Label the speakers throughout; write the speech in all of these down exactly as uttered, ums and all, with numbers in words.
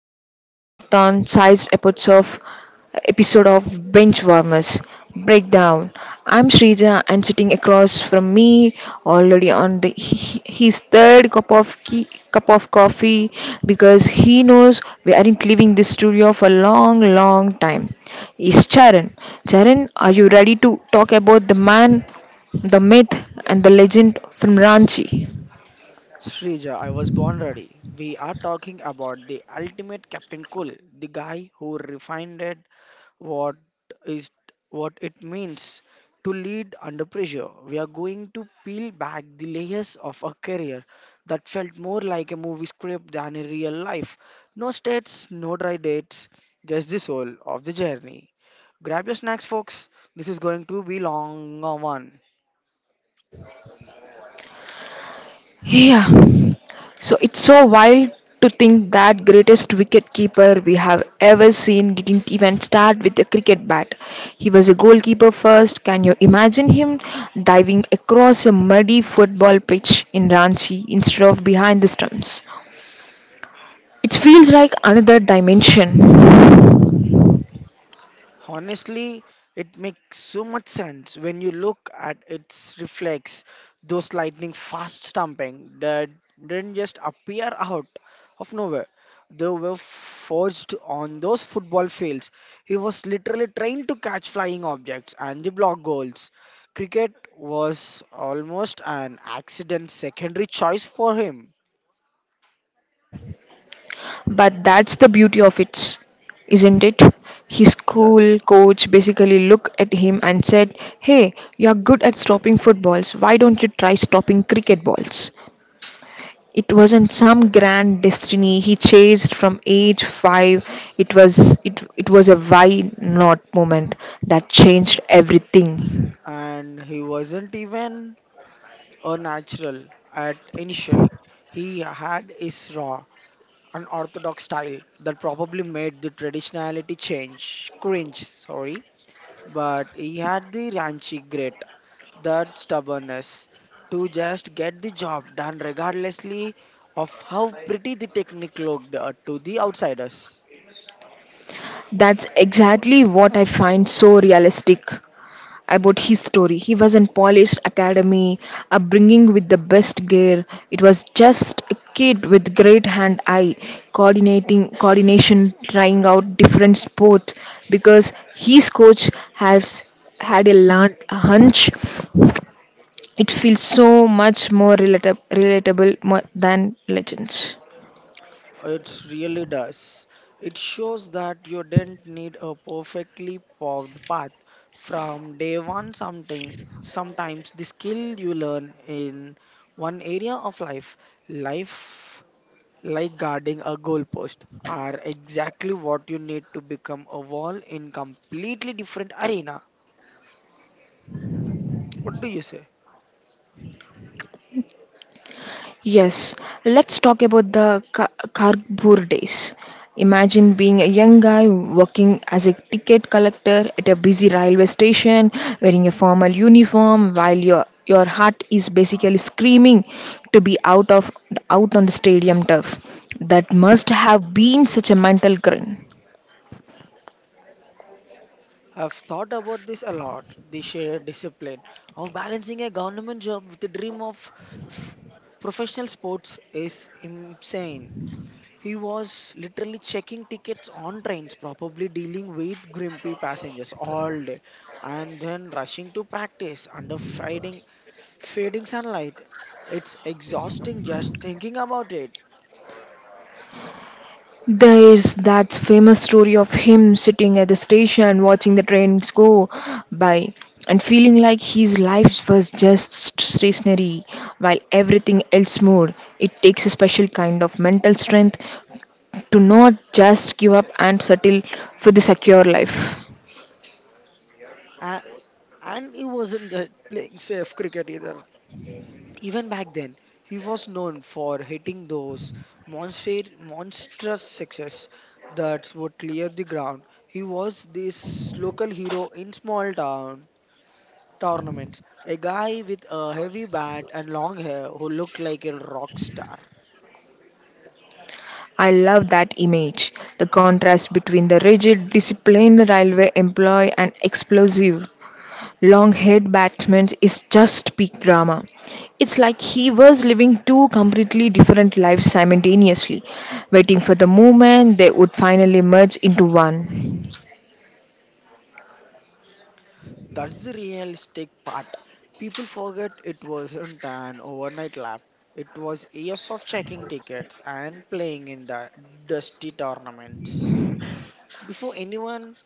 Speaker 1: special marathon sized episode of episode of Bench Warmers Breakdown. I'm Srija, and sitting across from me, already on the he- his third cup of key, cup of coffee because he knows we aren't leaving this studio for a long long time. Is Charan. Charan, are you ready to talk about the man, the myth, and the legend from Ranchi?
Speaker 2: Srija, I was born ready. We are talking about the ultimate Captain Cool, the guy who refined it, what is what it means to lead under pressure. We are going to peel back the layers of a career that felt more like a movie script than a real life. No states, no dry dates, just the soul of the journey. Grab your snacks, folks. This is going to be long one.
Speaker 1: Yeah. So it's so wild to think that greatest wicketkeeper we have ever seen didn't even start with a cricket bat. He was a goalkeeper first. Can you imagine him diving across a muddy football pitch in Ranchi instead of behind the stumps? It feels like another dimension.
Speaker 2: Honestly, it makes so much sense when you look at its reflex, those lightning fast stamping that didn't just appear out of nowhere. They were forged on those football fields. He was literally trained to catch flying objects and the block goals. Cricket was almost an accident secondary choice for him.
Speaker 1: But that's the beauty of it, isn't it? His
Speaker 2: Yes.
Speaker 1: school coach basically looked at him and said, "Hey, you're good at stopping footballs. Why don't you try stopping cricket balls?" It wasn't some grand destiny he chased from age five. It was it, it was a why not moment that changed everything.
Speaker 2: And he wasn't even a natural at initially. He had his raw, unorthodox style that probably made the traditionality change cringe, sorry. But he had the ranchy grit, that stubbornness to just get the job done regardlessly of how pretty the technique looked uh, to the outsiders.
Speaker 1: That's exactly what I find so realistic about his story. He was in polished academy, upbringing with the best gear. It was just a kid with great hand eye, coordinating coordination, trying out different sports because his coach has had a large hunch. It feels so much more relata- relatable mo- than legends.
Speaker 2: It really does. It shows that you didn't need a perfectly paved path from day one. Something sometimes the skill you learn in one area of life, life like guarding a goalpost, are exactly what you need to become a wall in completely different arena. What do you say?
Speaker 1: Yes, let's talk about the Ka- Kharagpur days. Imagine being a young guy working as a ticket collector at a busy railway station, wearing a formal uniform while your your heart is basically screaming to be out of out on the stadium turf. That must have been such a mental grind.
Speaker 2: I've thought about this a lot the shared discipline of balancing a government job with the dream of f- professional sports is insane. He was literally checking tickets on trains, probably dealing with grumpy passengers all day, and then rushing to practice under fading, fading sunlight. It's exhausting just thinking about it.
Speaker 1: There's that famous story of him sitting at the station watching the trains go by and feeling like his life was just st- stationary while everything else moved. It takes a special kind of mental strength to not just give up and settle for the secure life.
Speaker 2: A- And he wasn't just playing safe cricket either. Even back then, he was known for hitting those monster, monstrous sixes that would clear the ground. He was this local hero in small town tournaments, a guy with a heavy bat and long hair who looked like a rock star.
Speaker 1: I love that image. The contrast between the rigid disciplined railway employee and explosive Longhaired Batman is just peak drama. It's like he was living two completely different lives simultaneously, waiting for the moment they would finally merge into one.
Speaker 2: That's the realistic part. People forget it wasn't an overnight lap. It was years of checking tickets and playing in the dusty tournaments before anyone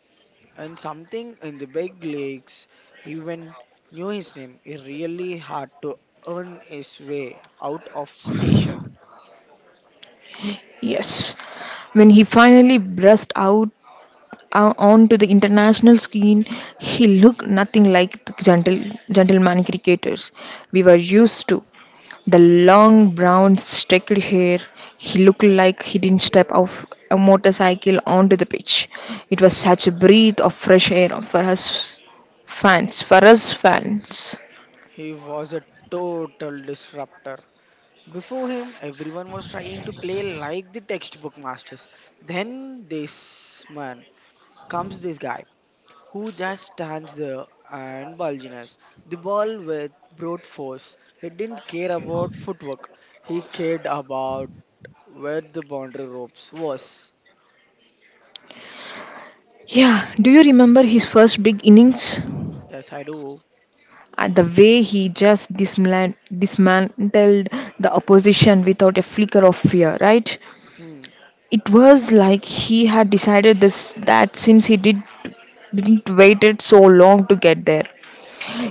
Speaker 2: and something in the big leagues even knew his name. He really had to earn his way out of station.
Speaker 1: Yes. When he finally burst out uh, onto the international scene, he looked nothing like the gentle, gentleman cricketers we were used to. The long brown streaked hair, he looked like he didn't step off a motorcycle onto the pitch. It was such a breath of fresh air for us fans. For us fans.
Speaker 2: He was a total disruptor. Before him, everyone was trying to play like the textbook masters. Then this man comes this guy who just stands there and bulginess. The ball with brute force. He didn't care about footwork. He cared about where the boundary ropes was.
Speaker 1: Yeah, do you remember his first big innings?
Speaker 2: Yes, I do.
Speaker 1: Uh, the way he just dismla- dismantled the opposition without a flicker of fear, right?
Speaker 2: Hmm,
Speaker 1: It was like he had decided this that since he did didn't waited so long to get there,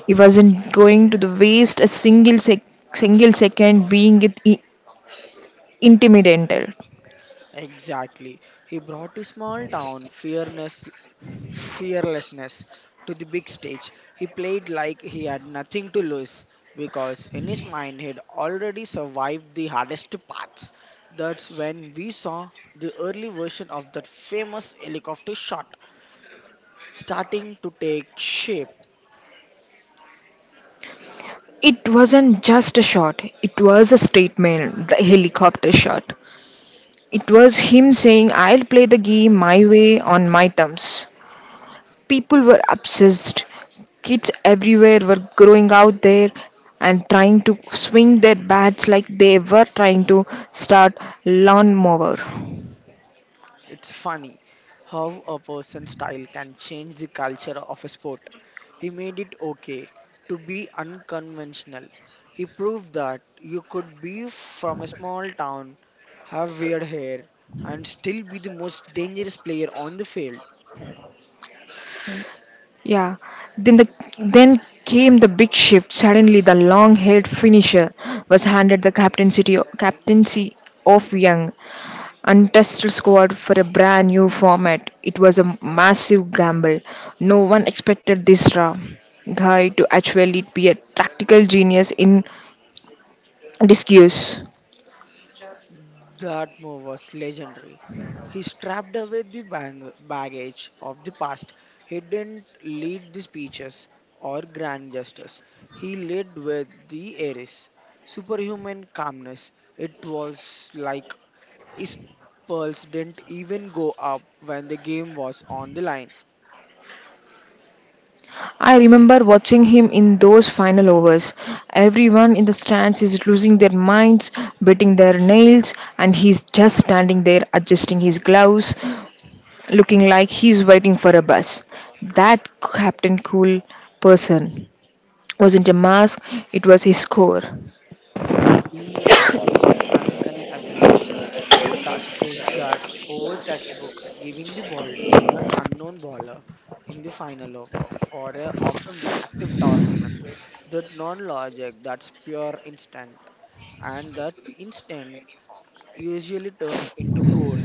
Speaker 1: he wasn't going to the waste a single sec- single second being it i- intimidated.
Speaker 2: exactly. He brought his small town fearless, fearlessness to the big stage. He played like he had nothing to lose because in his mind he'd already survived the hardest parts. That's when we saw the early version of that famous helicopter shot starting to take shape.
Speaker 1: It wasn't just a shot; it was a statement, the helicopter shot. It was him saying, "I'll play the game my way on my terms." People were obsessed. Kids everywhere were growing out there and trying to swing their bats like they were trying to start lawnmower.
Speaker 2: It's funny how a person's style can change the culture of a sport. He made it okay to be unconventional. He proved that you could be from a small town, have weird hair, and still be the most dangerous player on the field.
Speaker 1: Yeah. Then the then came the big shift. Suddenly, the long-haired finisher was handed the captaincy captaincy of young untested squad for a brand new format. It was a massive gamble. No one expected this raw guy to actually be a tactical genius in disguise.
Speaker 2: That move was legendary. He strapped away the bang- baggage of the past. He didn't lead the speeches or grand gestures. He led with the Ares. Superhuman calmness. It was like his pulse didn't even go up when the game was on the line.
Speaker 1: I remember watching him in those final overs. Everyone in the stands is losing their minds, biting their nails, and he's just standing there adjusting his gloves, looking like he's waiting for a bus. That Captain Cool person wasn't a mask, it was his core.
Speaker 2: He had his uncanny ability Two trusts is got over textbook, giving the ball to one unknown bowler in the final over for a often massive tournament. That non-logic, that's pure instinct, and that instinct usually turned into goal.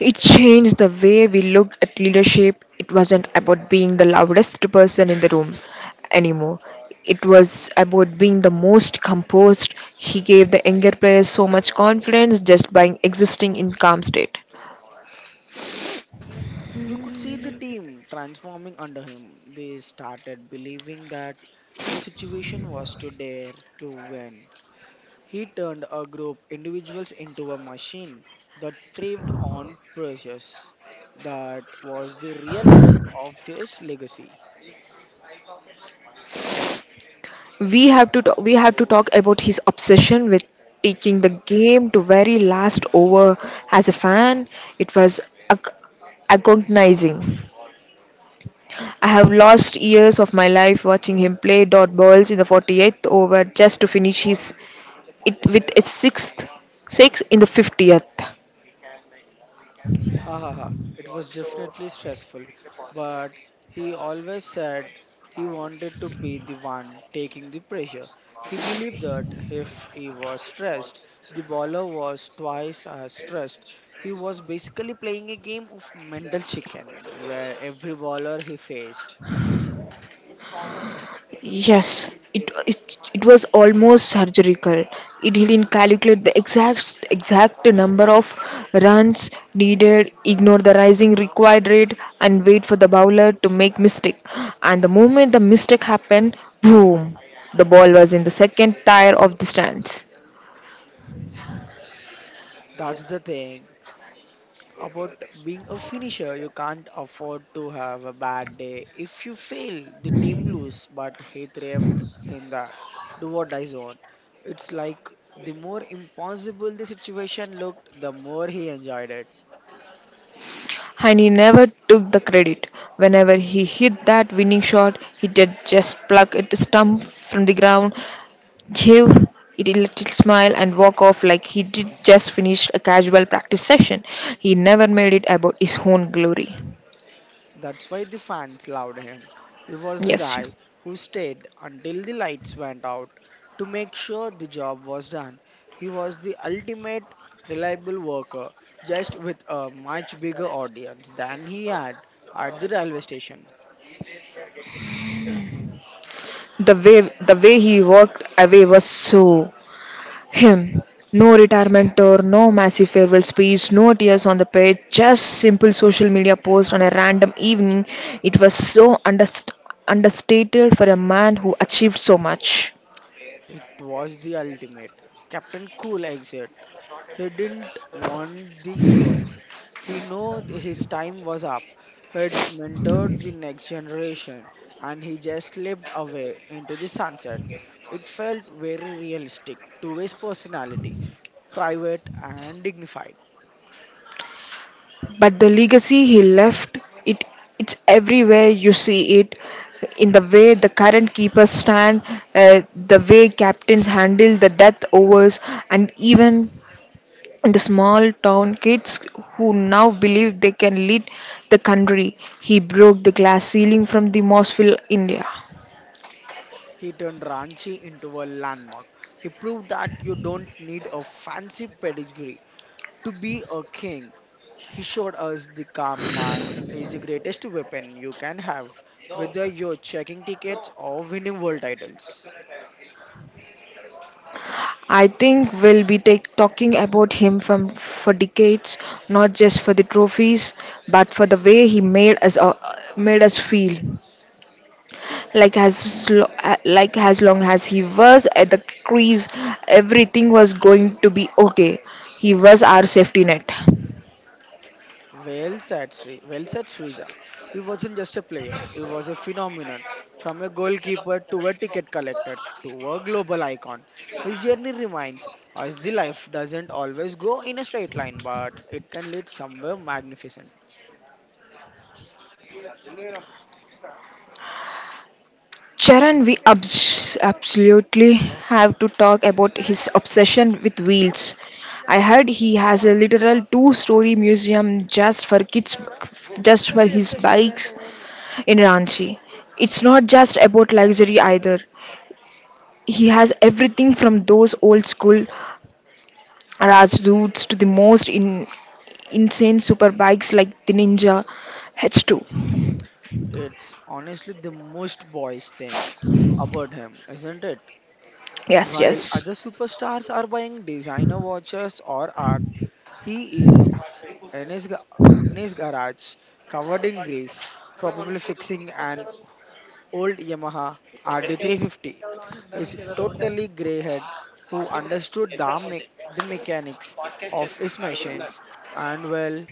Speaker 1: It changed the way we looked at leadership. It wasn't about being the loudest person in the room anymore. It was about being the most composed. He gave the younger players so much confidence just by existing in calm state.
Speaker 2: You could see the team transforming under him. They started believing that no situation was too dare to win. He turned a group individuals into a machine that thrived on precious. That was the real birth of his legacy.
Speaker 1: We have to talk, we have to talk about his obsession with taking the game to very last over. As a fan, it was ag- agonizing. I have lost years of my life watching him play dot balls in the forty-eighth over just to finish his it with a sixth six in the fiftieth.
Speaker 2: Ha ha ha. It was definitely stressful, but he always said he wanted to be the one taking the pressure. He believed that if he was stressed, the bowler was twice as stressed. He was basically playing a game of mental chicken where every bowler he faced
Speaker 1: Yes, it it, it was almost surgical. It didn't calculate the exact exact number of runs needed, ignore the rising required rate, and wait for the bowler to make mistake. And the moment the mistake happened, boom, the ball was in the second tier of the stands.
Speaker 2: that's the thing about being a finisher. You can't afford to have a bad day. If you fail, the team lose, but he thrived in that do or die zone. It's like the more impossible the situation looked, the more he enjoyed it.
Speaker 1: And he never took the credit. Whenever he hit that winning shot, he did just pluck it stump from the ground, give it a little smile, and walk off like he did just finish a casual practice session. He never made it about his own glory.
Speaker 2: That's why the fans loved him. He was the
Speaker 1: Yes,
Speaker 2: guy who stayed until the lights went out to make sure the job was done. He was the ultimate reliable worker, just with a much bigger audience than he had at the railway station.
Speaker 1: the way the way he walked away was so Him. No retirement tour, no massive farewell speech, no tears on the page, just simple social media post on a random evening. It was so underst- understated for a man who achieved so much.
Speaker 2: It was the ultimate Captain Cool exit. He didn't want the fuse. He knew th- his time was up. He'd mentored the next generation and he just slipped away into the sunset. It felt very realistic to his personality, private and dignified.
Speaker 1: But the legacy he left, it it's everywhere you see it. In the way the current keepers stand, uh, the way captains handle the death overs, and even the small town kids who now believe they can lead the country. He broke the glass ceiling from the Mossville, India.
Speaker 2: He turned Ranchi into a landmark. He proved that you don't need a fancy pedigree to be a king. He showed us the calm mind is the greatest weapon you can have, whether you're checking tickets or winning world titles.
Speaker 1: I think we'll be take, talking about him from, for decades, not just for the trophies, but for the way he made us uh, made us feel. Like as lo- uh, like as long as he was at the crease, everything was going to be okay. He was our safety net.
Speaker 2: Well said, Sri. Well said, Srija. He wasn't just a player, he was a phenomenon. From a goalkeeper to a ticket collector to a global icon. His journey reminds us the life doesn't always go in a straight line, but it can lead somewhere magnificent.
Speaker 1: Charan, we abs- absolutely have to talk about his obsession with wheels. I heard he has a literal two-story museum just for kids, just for his bikes in Ranchi. It's not just about luxury either. He has everything from those old-school Rajdoots to the most in- insane superbikes like the Ninja H two.
Speaker 2: It's honestly the most boyish thing about him, isn't it?
Speaker 1: Yes,
Speaker 2: While
Speaker 1: yes.
Speaker 2: other superstars are buying designer watches or art, he is in his, ga- in his garage, covered in grease, probably fixing an old Yamaha R D three fifty. His totally grey head, who understood the, me- the mechanics of his machines and well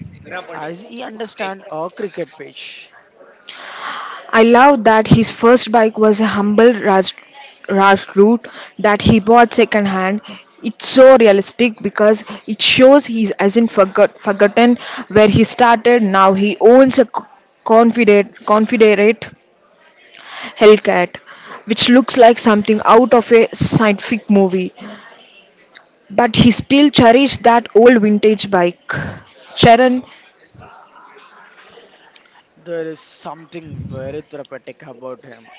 Speaker 2: as he understand a cricket pitch.
Speaker 1: I love that his first bike was a humble Raj, Raj route that he bought second hand. It's so realistic because it shows he hasn't forgot, forgotten where he started. Now he owns a co- confederate, confederate Hellcat, which looks like something out of a scientific movie. But he still cherishes that old vintage bike. Sharon,
Speaker 2: There is something very therapeutic about him.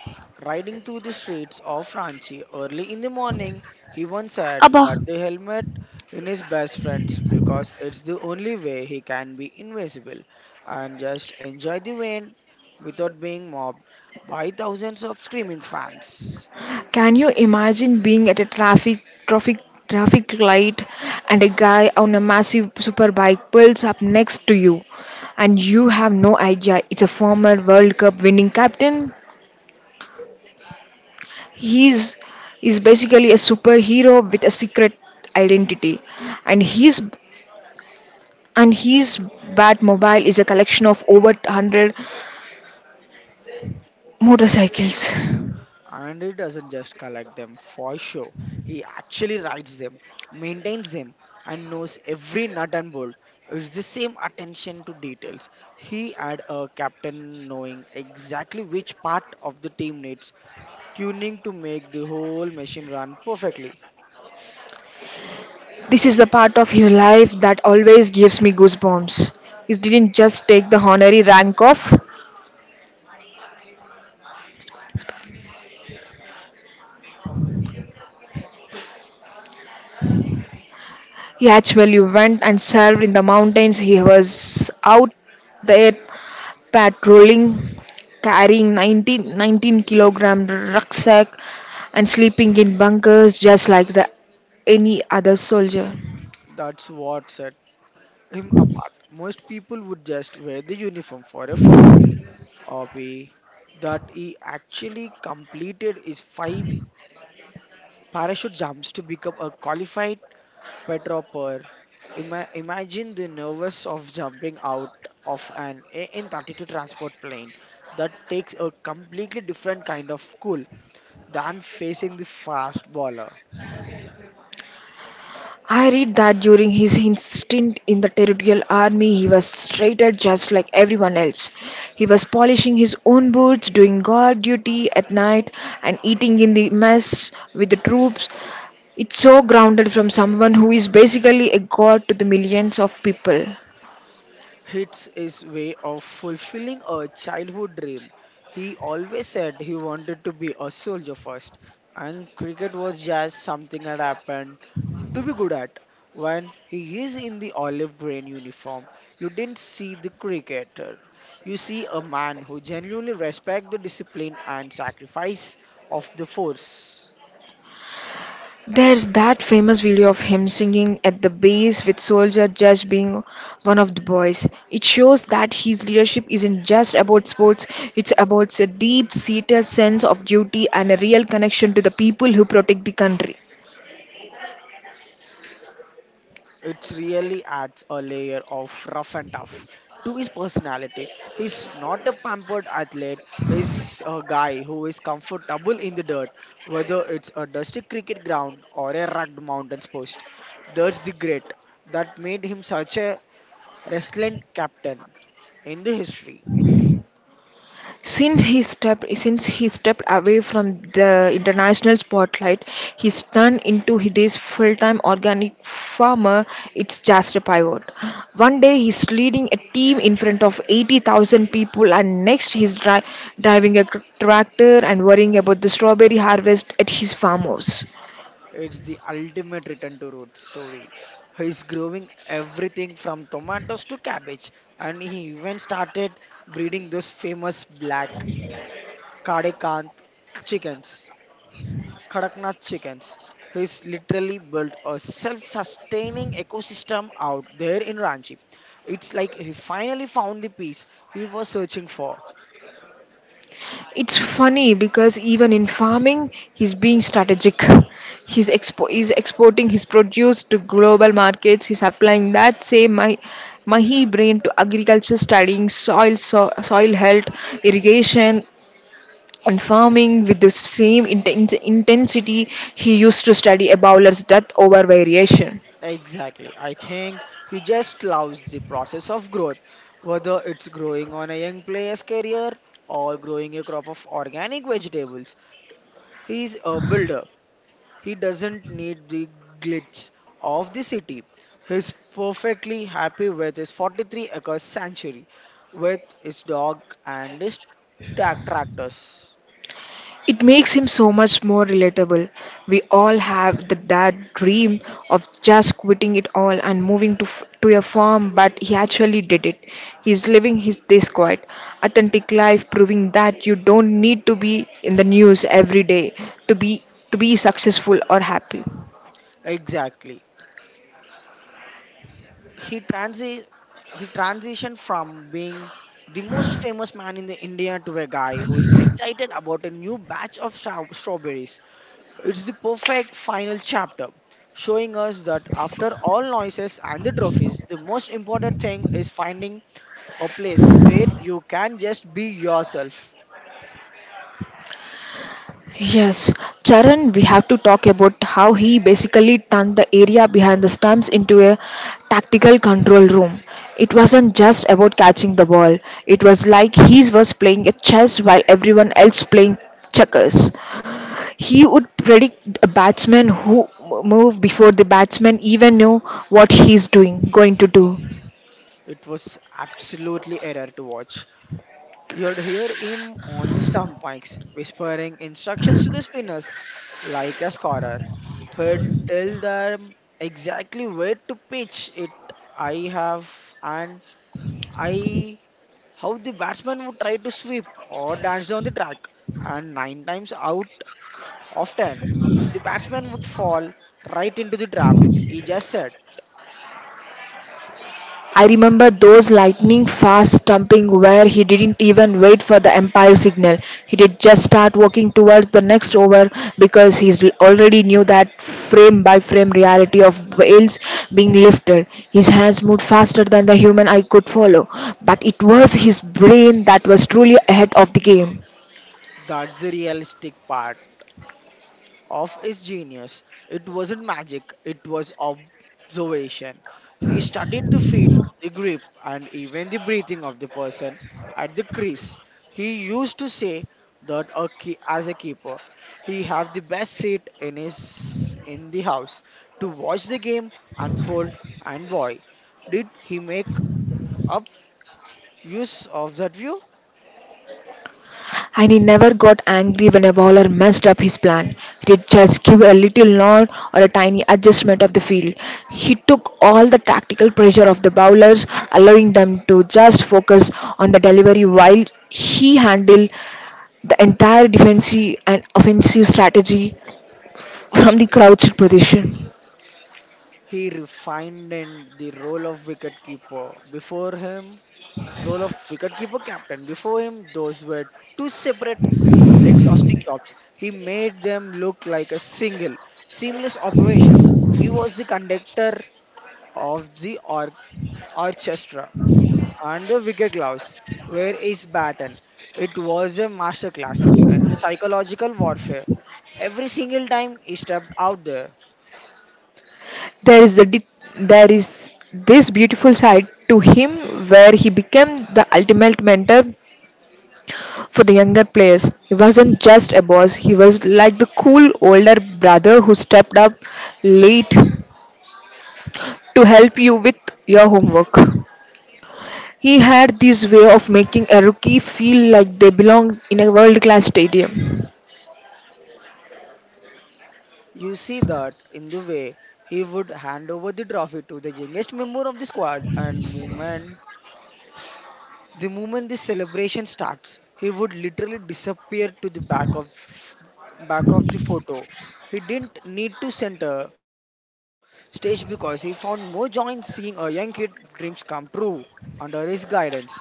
Speaker 2: Riding through the streets of Ranchi early in the morning, he once said
Speaker 1: Abba.
Speaker 2: that the helmet in his best friends because it's the only way he can be invisible and just enjoy the rain without being mobbed by thousands of screaming fans.
Speaker 1: Can you imagine being at a traffic traffic traffic light and a guy on a massive superbike pulls up next to you and you have no idea it's a former World Cup winning captain? He's is basically a superhero with a secret identity, and his and his Batmobile is a collection of over one hundred motorcycles.
Speaker 2: And he doesn't just collect them for show. He actually writes them, maintains them, and knows every nut and bolt. It's the same attention to details. He had a captain knowing exactly which part of the team needs tuning to make the whole machine run perfectly.
Speaker 1: This is the part of his life that always gives me goosebumps. He didn't just take the honorary rank off, he actually went and served in the mountains. He was out there patrolling, carrying nineteen nineteen kilogram rucksack and sleeping in bunkers just like the, any other soldier.
Speaker 2: That's what set him apart. Most people would just wear the uniform for a photo. Obi, that he actually completed his five parachute jumps to become a qualified Petropper. Ima- imagine the nervous of jumping out of an A N thirty-two transport plane. That takes a completely different kind of cool than facing the fast bowler.
Speaker 1: I read that during his stint in the Territorial Army, he was treated just like everyone else. He was polishing his own boots, doing guard duty at night, and eating in the mess with the troops. It's so grounded from someone who is basically a god to the millions of people.
Speaker 2: Hits his way of fulfilling a childhood dream. He always said he wanted to be a soldier first, and cricket was just something that happened to be good at. When he is in the olive green uniform, you didn't see the cricketer. You see a man who genuinely respects the discipline and sacrifice of the force.
Speaker 1: There's that famous video of him singing at the base with Soldier Judge being one of the boys. It shows that his leadership isn't just about sports, it's about a deep seated sense of duty and a real connection to the people who protect the country.
Speaker 2: It really adds a layer of rough and tough to his personality. He's not a pampered athlete, he's a guy who is comfortable in the dirt, whether it's a dusty cricket ground or a rugged mountains post. That's the grit that made him such a resilient captain in the history.
Speaker 1: Since he stepped since he stepped away from the international spotlight, he's turned into this full-time organic farmer. It's just a pivot. One day he's leading a team in front of eighty thousand people, and next he's dri- driving a cr- tractor and worrying about the strawberry harvest at his farmhouse.
Speaker 2: It's the ultimate return to roots story. He's growing everything from tomatoes to cabbage, and he even started breeding those famous black Kadekant chickens, Kadaknath chickens, he's literally built a self-sustaining ecosystem out there in Ranchi. It's like he finally found the peace he was searching for.
Speaker 1: It's funny because even in farming, he's being strategic. He's, expo- he's exporting his produce to global markets. He's applying that same my mahi brain to agriculture, studying soil, so- soil health, irrigation, and farming with the same inten- intensity he used to study a bowler's death over variation.
Speaker 2: Exactly. I think he just loves the process of growth, whether it's growing on a young player's career or growing a crop of organic vegetables. He's a builder. He doesn't need the glitz of the city. He's perfectly happy with his forty-three acre sanctuary, with his dog and his ta- tractors.
Speaker 1: It makes him so much more relatable. We all have the, that dream of just quitting it all and moving to, f- to a farm, but he actually did it. He's living his this quiet, authentic life, proving that you don't need to be in the news every day to be to be successful or happy.
Speaker 2: Exactly. He transi- he transitioned from being the most famous man in the India to a guy who is excited about a new batch of stra- strawberries. It's the perfect final chapter, showing us that after all noises and the trophies, the most important thing is finding a place where you can just be yourself.
Speaker 1: Yes, Charan, we have to talk about how he basically turned the area behind the stumps into a tactical control room. It wasn't just about catching the ball, it was like he was playing a chess while everyone else playing checkers. He would predict a batsman who move before the batsman even knew what he's doing going to do.
Speaker 2: It was absolutely error to watch. You'd hear him on the stump mics, whispering instructions to the spinners like a scorer. He'd tell them exactly where to pitch it. I have and I how the batsman would try to sweep or dance down the track, and nine times out of ten, the batsman would fall right into the trap. He just said.
Speaker 1: I remember those lightning fast stomping where he didn't even wait for the umpire signal. He did just start walking towards the next over because he already knew that frame by frame reality of Wales being lifted. His hands moved faster than the human I could follow, but it was his brain that was truly ahead of the game.
Speaker 2: That's the realistic part of his genius. It wasn't magic, it was observation. He studied the feet, the grip, and even the breathing of the person at the crease. He used to say that a key, as a keeper, he have the best seat in his in the house to watch the game unfold. And boy, did he make up use of that view?
Speaker 1: And he never got angry when a bowler messed up his plan. He'd just give a little nod or a tiny adjustment of the field. He took all the tactical pressure of the bowlers, allowing them to just focus on the delivery while he handled the entire defensive and offensive strategy from the crouched position.
Speaker 2: He refined in the role of wicket keeper. Before him, role of wicketkeeper captain. Before him, those were two separate exhausting jobs. He made them look like a single, seamless operations. He was the conductor of the or- orchestra, and the wicket gloves were his baton. It was a masterclass in the psychological warfare. Every single time he stepped out there,
Speaker 1: There is the di- there is this beautiful side to him where he became the ultimate mentor. For the younger players, he wasn't just a boss, he was like the cool older brother who stepped up late to help you with your homework. He had this way of making a rookie feel like they belonged in a world class stadium.
Speaker 2: you see that in the way he would hand over the trophy to the youngest member of the squad and movement. The moment the celebration starts, he would literally disappear to the back of back of the photo. He didn't need to center stage because he found more joy in seeing a young kid dreams come true under his guidance.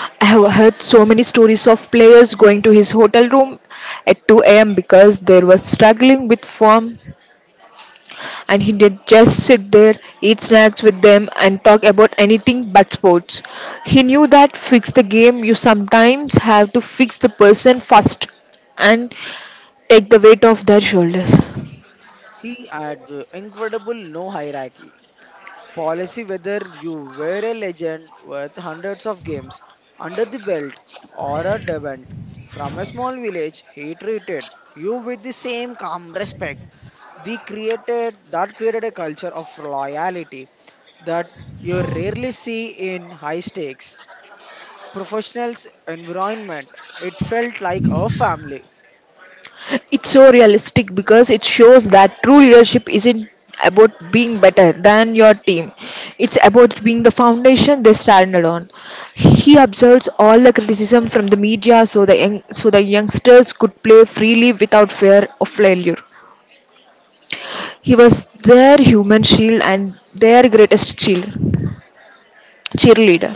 Speaker 1: I have heard so many stories of players going to his hotel room at two a m because they were struggling with form, and he did just sit there, eat snacks with them, and talk about anything but sports. He knew that fix the game, you sometimes have to fix the person first and take the weight off their shoulders.
Speaker 2: He had the incredible no hierarchy policy whether you were a legend with hundreds of games under the belt or a debent from a small village he treated you with the same calm respect. They created that created a culture of loyalty that you rarely see in high stakes professionals environment. It felt like a family.
Speaker 1: It's so realistic because it shows that true leadership isn't about being better than your team. It's about being the foundation they standard on. He observes all the criticism from the media so the young, so the youngsters could play freely without fear of failure. He was their human shield and their greatest cheer- cheerleader.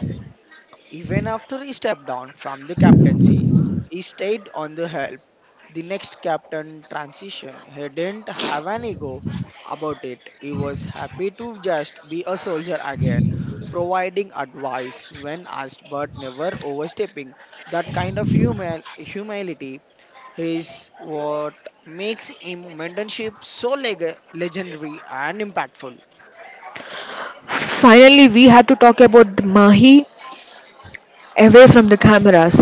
Speaker 2: Even after he stepped down from the captaincy, he stayed on the help. The next captain transition, he didn't have an ego about it. He was happy to just be a soldier again, providing advice when asked but never overstepping. That kind of humil- humility is what makes him mentorship so leg- legendary and impactful.
Speaker 1: Finally, we had to talk about the Mahi away from the cameras,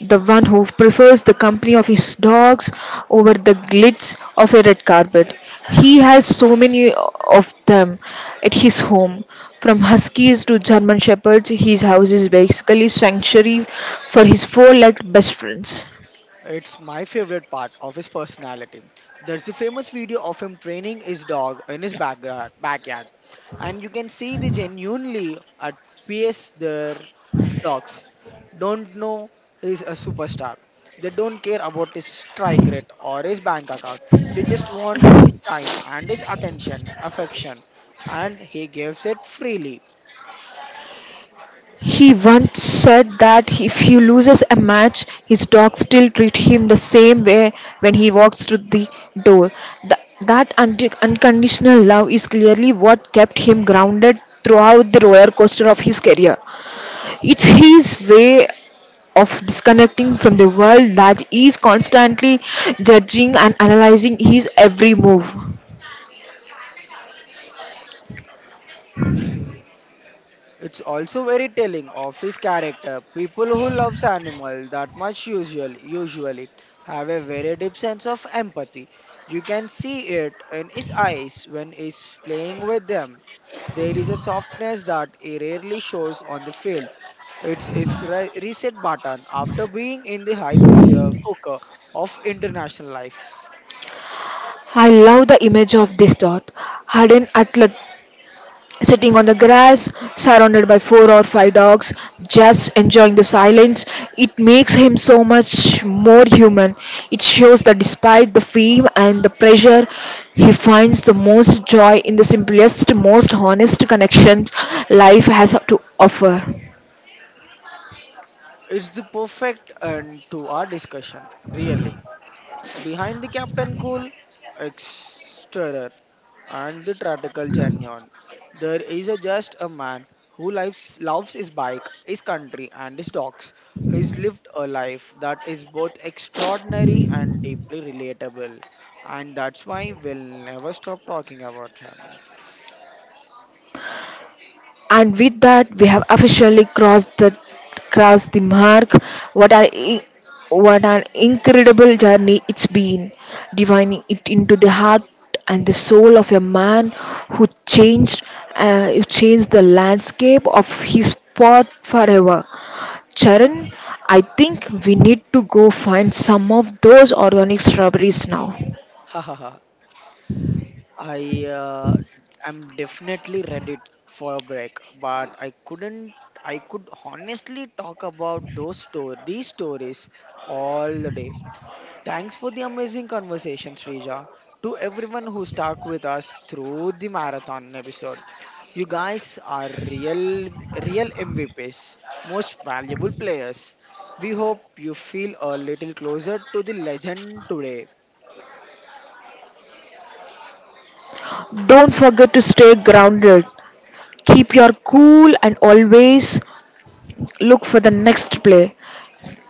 Speaker 1: the one who prefers the company of his dogs over the glitz of a red carpet. He has so many of them at his home. From huskies to German shepherds, his house is basically sanctuary for his four-legged best friends.
Speaker 2: It's my favorite part of his personality. There's the famous video of him training his dog in his backyard, backyard. And you can see the genuinely at peace. Their dogs don't know he's a superstar. They don't care about his strike rate or his bank account. They just want his time and his attention, affection, and he gives it freely.
Speaker 1: He once said that if he loses a match, his dogs still treat him the same way when he walks through the door. Th- that und- unconditional love is clearly what kept him grounded throughout the roller coaster of his career. It's his way of disconnecting from the world that is constantly judging and analyzing his every move.
Speaker 2: It's also very telling of his character. People who loves animal that much usually, usually have a very deep sense of empathy. You can see it in his eyes when he's playing with them. There is a softness that he rarely shows on the field. It's his re- reset button after being in the high pressure cooker of international life.
Speaker 1: I love the image of this dot, hardened athlete sitting on the grass, surrounded by four or five dogs, just enjoying the silence. It makes him so much more human. It shows that despite the fame and the pressure, he finds the most joy in the simplest, most honest connections life has to offer.
Speaker 2: It's the perfect end to our discussion, really. Behind the Captain Cool, Exterer, and the Tactical Genion, there is a just a man who lives, loves his bike, his country, and his dogs. He's lived a life that is both extraordinary and deeply relatable, and that's why we'll never stop talking about him.
Speaker 1: And with that, we have officially crossed the crossed the mark. What an i- what an incredible journey it's been, divining it into the heart and the soul of a man who changed uh, who changed the landscape of his spot forever. Charan, I think we need to go find some of those organic strawberries now.
Speaker 2: I uh, am definitely ready for a break, but I couldn't. I could honestly talk about those story, these stories all the day. Thanks for the amazing conversation, Srija. To everyone who stuck with us through the marathon episode, you guys are real, real M V Ps, most valuable players. We hope you feel a little closer to the legend today.
Speaker 1: Don't forget to stay grounded. Keep your cool and always look for the next play.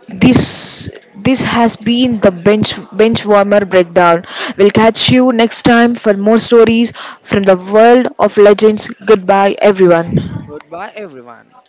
Speaker 1: This this has been the bench bench warmer breakdown. We'll catch you next time for more stories from the world of legends. Goodbye everyone.
Speaker 2: Goodbye, everyone.